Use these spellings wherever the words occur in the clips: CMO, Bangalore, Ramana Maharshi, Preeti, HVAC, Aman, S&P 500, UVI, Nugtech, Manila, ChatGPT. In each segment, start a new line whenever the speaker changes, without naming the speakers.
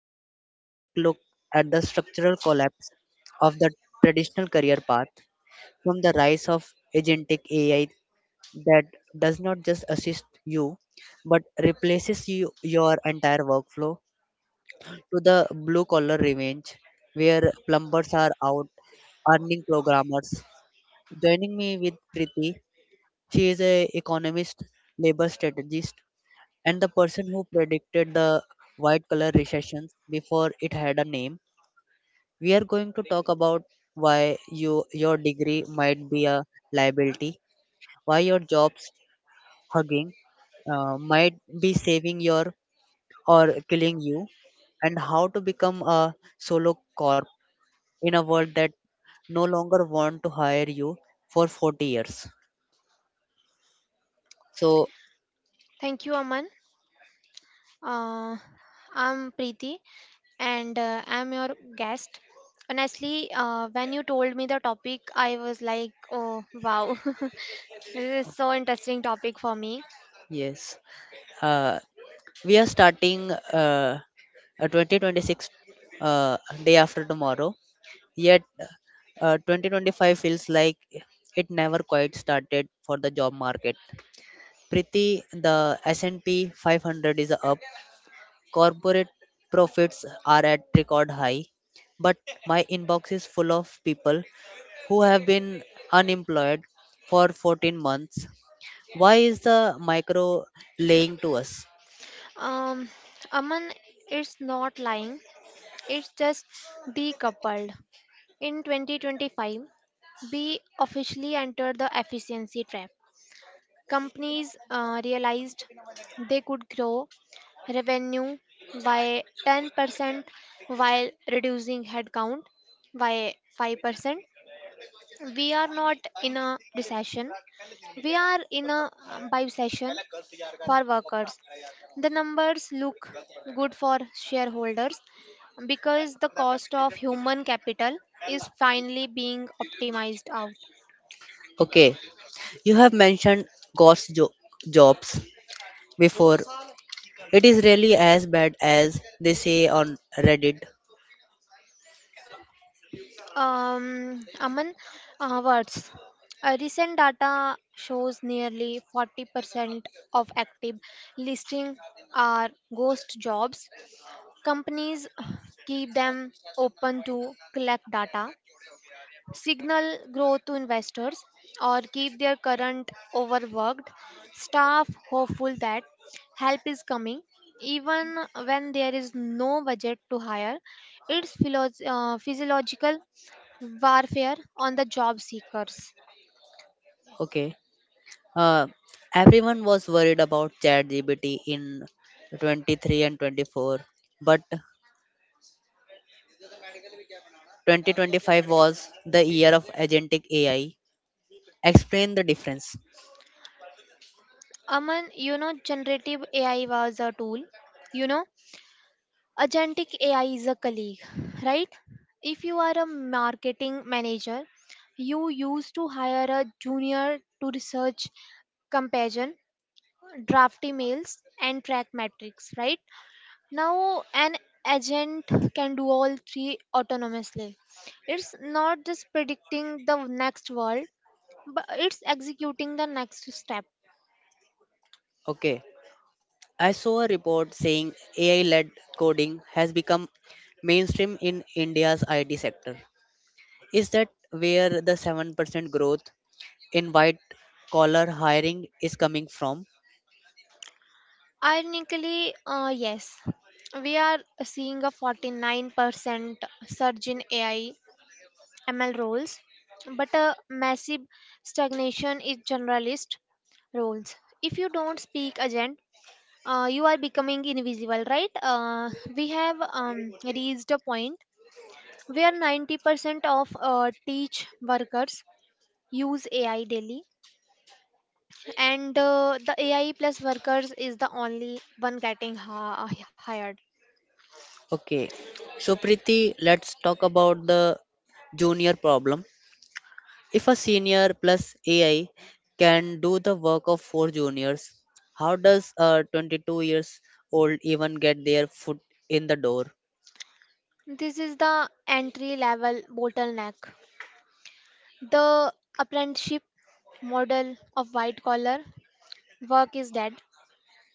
is a forensic look at the structural collapse of the traditional career path, from the rise of agentic AI that does not just assist you but replaces you, your entire workflow, to the blue collar revenge, where plumbers are out earning programmers. Joining me with Preeti, she is a economist, labor strategist, and the person who predicted the white collar recessions before it had a name. We are going to talk about why your degree might be a liability, why your job's hugging might be saving your or killing you, and how to become a solo corp in a world that no longer want to hire you for 40 years. So,
Thank you, Aman. Uh, I'm Preeti and I'm your guest. Honestly, when you told me the topic, I was like, oh, wow, this is so interesting topic for me.
yes, uh, we are starting a 2026 uh, day after tomorrow, yet 2025 feels like it never quite started for the job market. Priti, the S&P 500 is up. Corporate profits are at record high, but my inbox is full of people who have been unemployed for 14 months. Why is the micro laying to us?
Um, Aman, it's not lying, it's just decoupled. In 2025, we officially entered the efficiency trap. Companies realized they could grow revenue by 10% while reducing headcount by 5%. We are not in a recession, we are in a buy session for workers. The numbers look good for shareholders because the cost of human capital is finally being optimized out.
Okay, you have mentioned ghost jobs before. It is really as bad as they say on Reddit.
Aman, words. Recent data shows nearly 40% of active listing are ghost jobs. Companies keep them open to collect data signal growth to investors or keep their current overworked staff hopeful that help is coming even when there is no budget to hire. It's physiological warfare on the job seekers.
Okay, uh, everyone was worried about ChatGPT in 23 and 24, but 2025 was the year of agentic AI. Explain the difference.
Aman, you know generative AI was a tool, you know agentic AI is a colleague, right? If you are a marketing manager, you used to hire a junior to research comparison, draft emails, and track metrics, right? Now, an agent can do all three autonomously. It's not just predicting the next world, but it's executing the next step.
Okay, I saw a report saying AI led coding has become mainstream in India's IT sector. Is that where the 7% growth in white collar hiring is coming from?
Ironically, yes, we are seeing a 49% surge in AI ML roles, but a massive stagnation in generalist roles. If you don't speak agent, you are becoming invisible, right? We have reached a point where 90% of teach workers use AI daily, and the AI plus workers is the only one getting hired.
Okay, so Priti, let's talk about the junior problem. If a senior plus AI can do the work of four juniors, how does a 22 years old even get their foot in the door?
This is the entry level bottleneck. The apprenticeship model of white collar work is dead.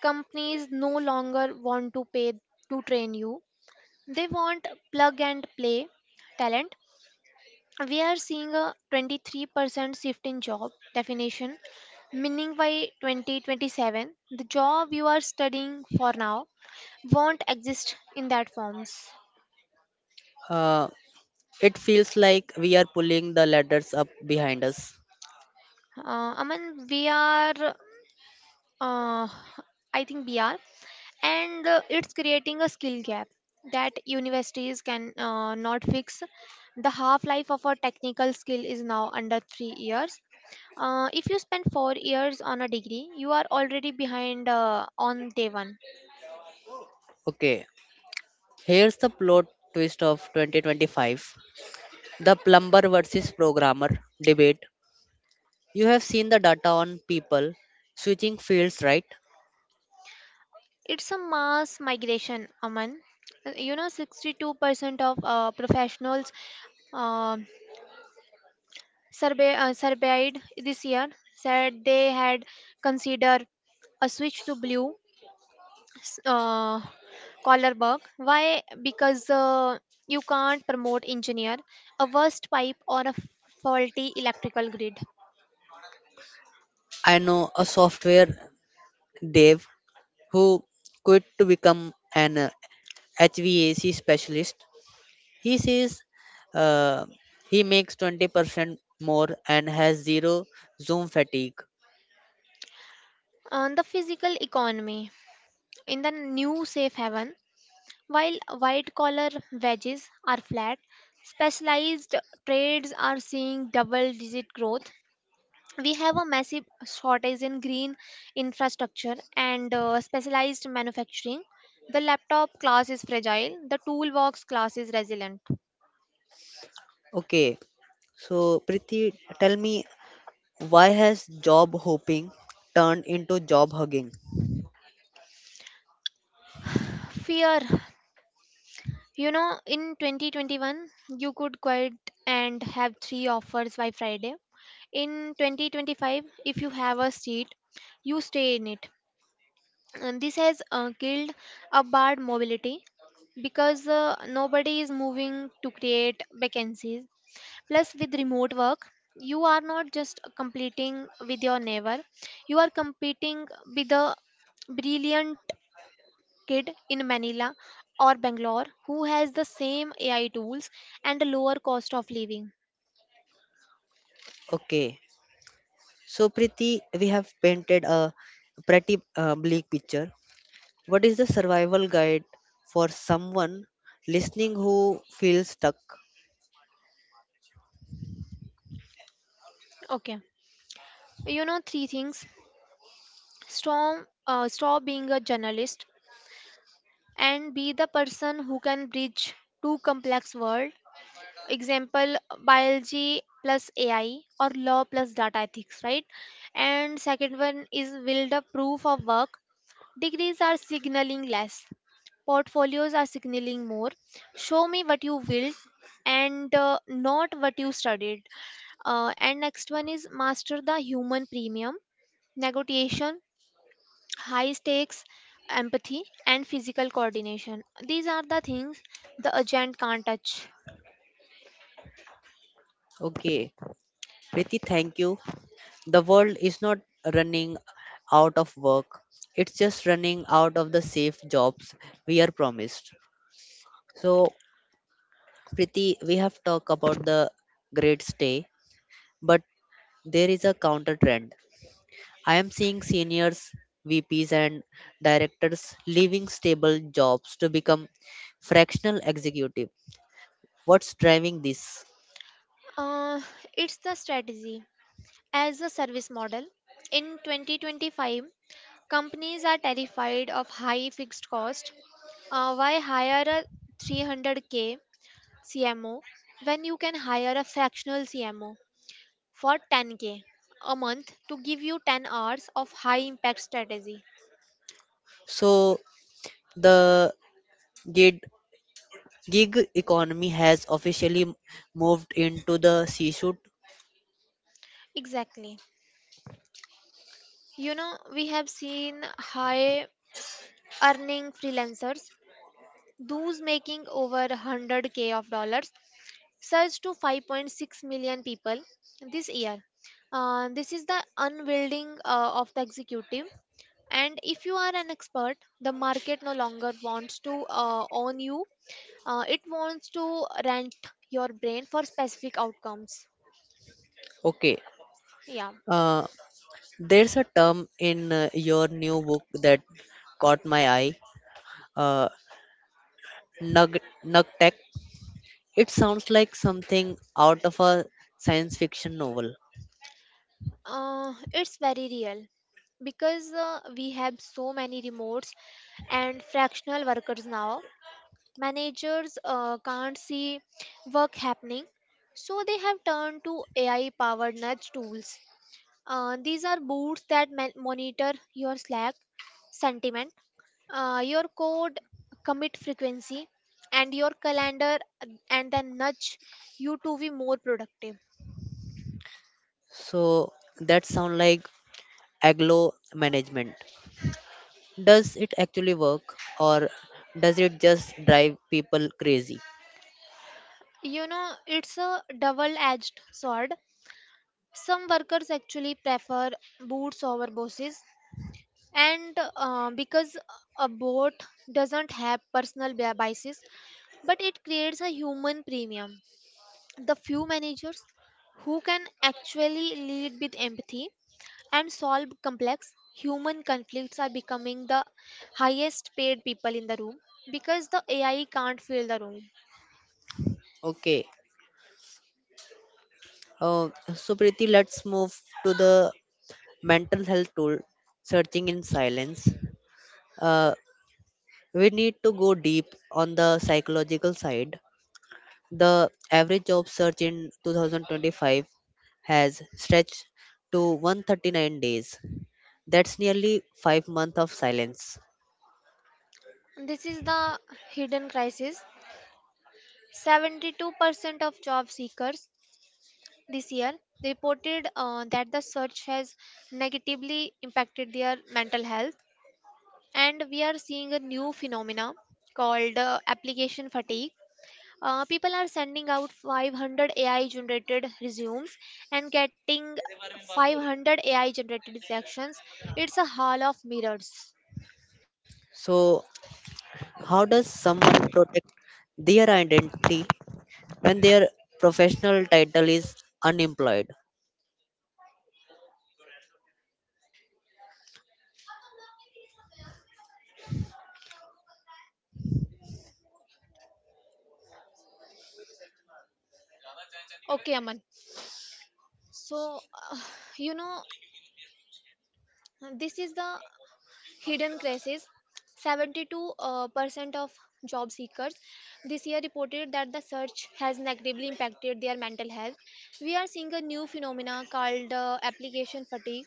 Companies no longer want to pay to train you. They want plug and play talent. We are seeing a 23% shift in job definition, meaning by 2027, the job you are studying for now won't exist in that forms.
Uh, It feels like we are pulling the ladders up behind us.
Uh, Aman, we are, uh, I think we are, and it's creating a skill gap that universities can not fix. The half life of a technical skill is now under 3 years. If you spend 4 years on a degree, you are already behind on day one.
Okay, here's the plot twist of 2025: the plumber versus programmer debate. You have seen the data on people switching fields, right?
It's a mass migration, Aman. You know, 62% of professionals uh, surveyed this year said they had considered a switch to blue s- uh, collar work. Why? Because you can't promote engineer, a worst pipe, or a faulty electrical grid.
I know a software dev who quit to become an HVAC specialist. He says uh, he makes 20% more and has zero Zoom fatigue.
On the physical economy, in the new safe haven, while white collar wages are flat, specialized trades are seeing double digit growth. We have a massive shortage in green infrastructure and specialized manufacturing. The laptop class is fragile, the toolbox class is resilient.
Okay, so, Priti, tell me why has job hoping turned into job hugging?
Fear, you know, in 2021, you could quit and have three offers by Friday. In 2025, if you have a seat, you stay in it. And this has killed a bad mobility because nobody is moving to create vacancies. Plus, with remote work, you are not just competing with your neighbor, you are competing with the brilliant kid in Manila or Bangalore who has the same AI tools and a lower cost of living.
Okay. So, Priti, we have painted a pretty bleak picture. What is the survival guide for someone listening who feels stuck?
Okay, you know three things. Stop, stop being a journalist and be the person who can bridge two complex world. Example, biology plus AI or law plus data ethics, right? And second one is build a proof of work. Degrees are signaling less, portfolios are signaling more. Show me what you built and not what you studied. And next one is master the human premium: negotiation, high stakes, empathy, and physical coordination. These are the things the agent can't touch.
Okay. Priti, thank you. The world is not running out of work, it's just running out of the safe jobs we are promised. So, Priti, we have talked about the great stay, but there is a counter trend. I am seeing seniors, VPs, and directors leaving stable jobs to become fractional executive. What's driving this?
Uh, it's the strategy as a service model. In 2025, companies are terrified of high fixed cost. Why hire a 300k CMO when you can hire a fractional CMO for 10k a month to give you 10 hours of high impact strategy?
So, the gig, gig economy has officially moved into the C suite.
Exactly. You know, we have seen high earning freelancers, those making over 100k of dollars, surged to 5.6 million people this year. This is the unwielding of the executive. And if you are an expert, the market no longer wants to own you. It wants to rent your brain for specific outcomes.
Okay,
Yeah,
uh, there's a term in your new book that caught my eye. Uh, Nug Nugtech. It sounds like something out of a science fiction novel.
it's very real because we have so many remotes and fractional workers now. Managers can't see work happening, so they have turned to AI powered nudge tools. These are bots that monitor your slack sentiment, your code commit frequency, and your calendar, and then nudge you to be more productive.
So that sounds like aglo management. Does it actually work or does it just drive people crazy?
You know, it's a double edged sword. Some workers actually prefer boots over bosses, and because a boat doesn't have personal biases. But it creates a human premium. The few managers who can actually lead with empathy and solve complex human conflicts are becoming the highest paid people in the room, because the AI can't fill the room.
Okay. Uh, so, Preeti, let's move to the mental health tool searching in silence. Uh, we need to go deep on the psychological side. The average job search in 2025 has stretched to 139 days. That's nearly 5 months of silence.
This is the hidden crisis. 72% of job seekers this year, they reported that the search has negatively impacted their mental health. And we are seeing a new phenomena called application fatigue. People are sending out 500 AI generated resumes and getting 500 AI generated rejections. It's a hall of mirrors.
So, how does someone protect their identity when their professional title is unemployed?
Okay, Aman, so uh, you know, this is the hidden crisis. 72% of job seekers this year reported that the search has negatively impacted their mental health. We are seeing a new phenomena called application fatigue,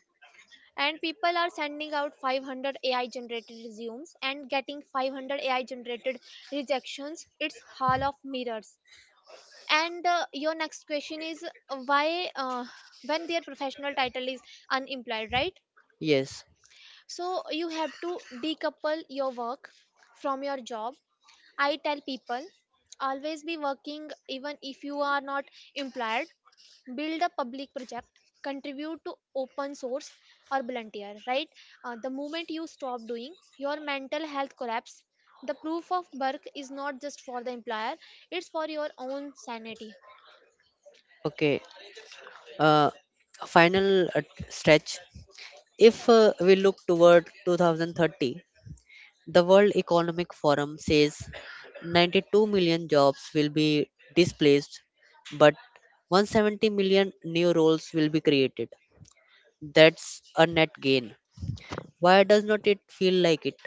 and people are sending out 500 AI generated resumes and getting 500 AI generated rejections. It's hall of mirrors. And your next question is why, when their professional title is unemployed, right?
Yes.
So you have to decouple your work from your job. I tell people, always be working, even if you are not employed. Build a public project, contribute to open source, or volunteer, right? The moment you stop doing, your mental health collapse. The proof of work is not just for the employer, it's for your own sanity.
Okay. Uh, Final stretch. If we look toward 2030, the World Economic Forum says 92 million jobs will be displaced, but 170 million new roles will be created. That's a net gain. Why does not it feel like it?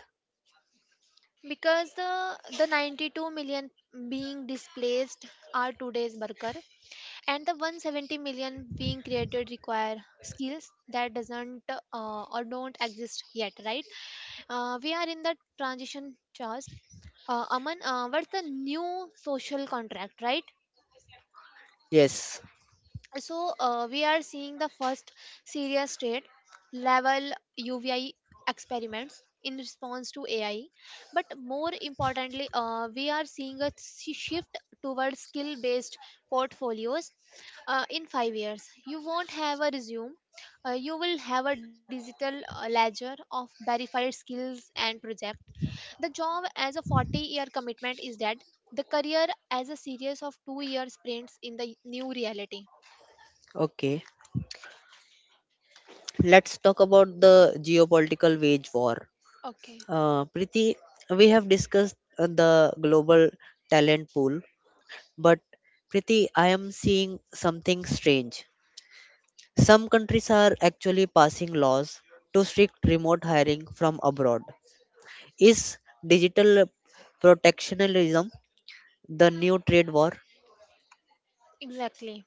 Because the 92 million being displaced are today's worker, and the 170 million being created require skills that doesn't or don't exist yet, right? We are in the transition phase. Aman, what's the new social contract, right?
Yes.
So we are seeing the first serious state level UVI experiments in response to AI. But more importantly, we are seeing a shift towards skill based portfolios. In 5 years you won't have a resume. You will have a digital ledger of verified skills and project. The job as a 40-year commitment is dead. The career as a series of 2-year sprints in the new reality.
Okay. Let's talk about the geopolitical wage war.
Okay.
Priti, we have discussed the global talent pool, but Priti, I am seeing something strange. Some countries are actually passing laws to restrict remote hiring from abroad. Is digital protectionism the new trade war?
Exactly.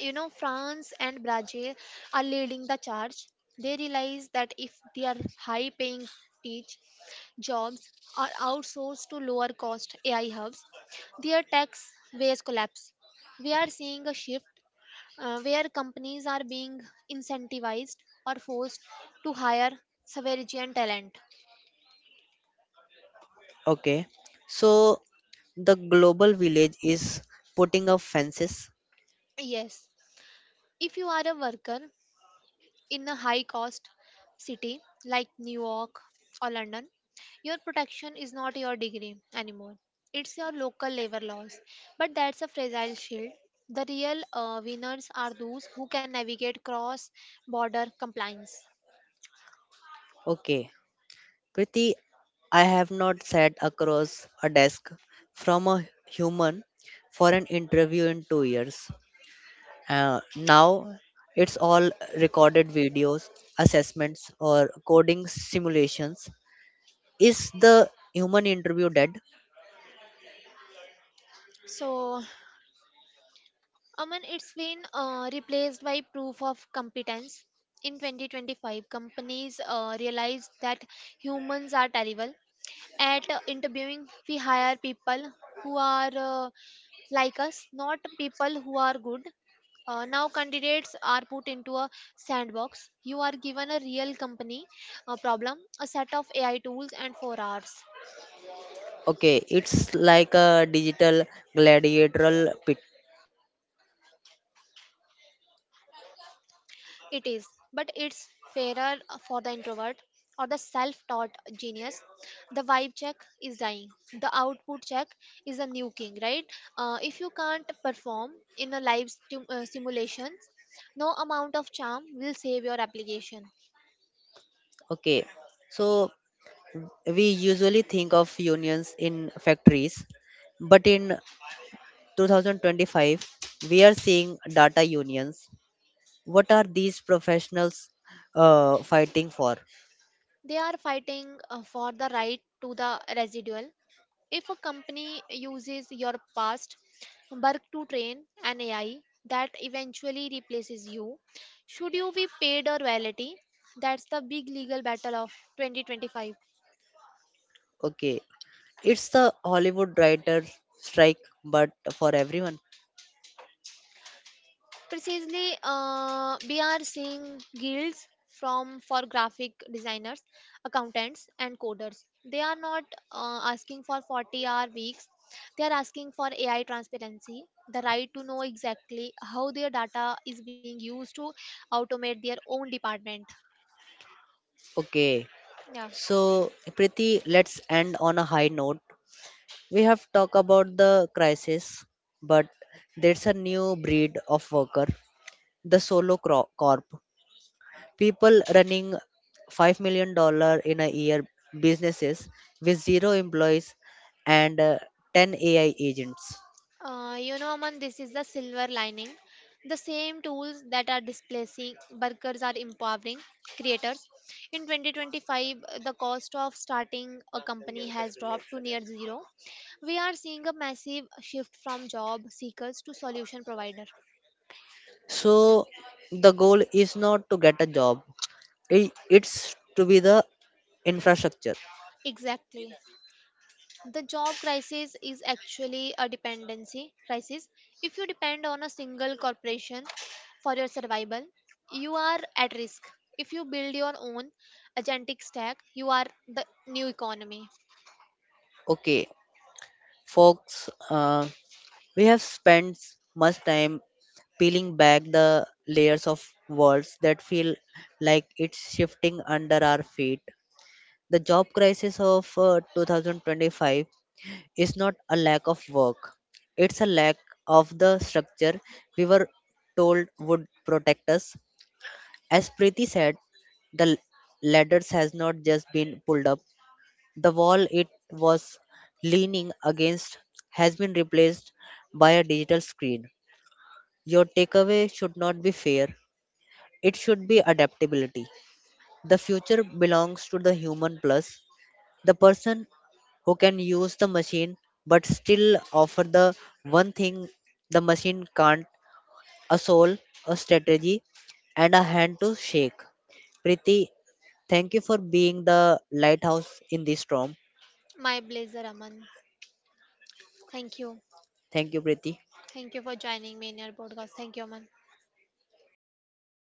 You know, France and Brazil are leading the charge. They realize that if their high paying teach jobs are outsourced to lower cost AI hubs, their tax base collapse. We are seeing a shift where companies are being incentivized or forced to hire sovereign talent.
Okay, so the global village is putting up fences.
Yes, if you are a worker in a high cost city like New York or London, your protection is not your degree anymore. It's your local labor laws. But that's a fragile shield. The real winners are those who can navigate cross border compliance.
Okay, Priti, I have not sat across a desk from a human for an interview in 2 years. Now it's all recorded videos, assessments, or coding simulations. Is the human interview dead?
So, Aman, it's been replaced by proof of competence. In 2025, companies realized that humans are terrible at interviewing. We hire people who are like us, not people who are good. Now, candidates are put into a sandbox. You are given a real company a problem, a set of AI tools, and 4 hours.
Okay, it's like a digital gladiatorial pit.
It is, but it's fairer for the introvert or the self taught genius. The vibe check is dying, the output check is a new king, right? If you can't perform in a live simulation, no amount of charm will save your application.
Okay, so we usually think of unions in factories, but in 2025, we are seeing data unions. What are these professionals fighting for?
They are fighting for the right to the residual. If a company uses your past work to train an AI that eventually replaces you, should you be paid or royalty? That's the big legal battle of 2025.
Okay, it's the Hollywood writers' strike, but for everyone.
Precisely, we are seeing guilds from for graphic designers, accountants, and coders. They are not asking for 40-hour weeks, they are asking for AI transparency, the right to know exactly how their data is being used to automate their own department.
Okay,
Yeah.
so Priti, let's end on a high note. We have talked about the crisis, but there's a new breed of worker, the solo corp. People running $5 million in a year businesses with zero employees and 10 AI agents.
You know, Aman, this is the silver lining. The same tools that are displacing workers are empowering creators. In 2025, the cost of starting a company has dropped to near zero. We are seeing a massive shift from job seekers to solution provider.
So the goal is not to get a job. It's to be the infrastructure.
Exactly. The job crisis is actually a dependency crisis. If you depend on a single corporation for your survival, you are at risk. If you build your own agentic stack, you are the new economy.
Okay, folks, we have spent much time peeling back the layers of worlds that feel like it's shifting under our feet. The job crisis of 2025 is not a lack of work, it's a lack of the structure we were told would protect us. As Preeti said, the ladders has not just been pulled up. The wall it was leaning against has been replaced by a digital screen. Your takeaway should not be fear, it should be adaptability. The future belongs to the human plus, the person who can use the machine but still offer the one thing the machine can't: a soul, a strategy, and a hand to shake. Priti, thank you for being the lighthouse in this storm.
My blazer, Aman. Thank you.
Thank you, Priti.
Thank you for joining me in your podcast. Thank you, Aman.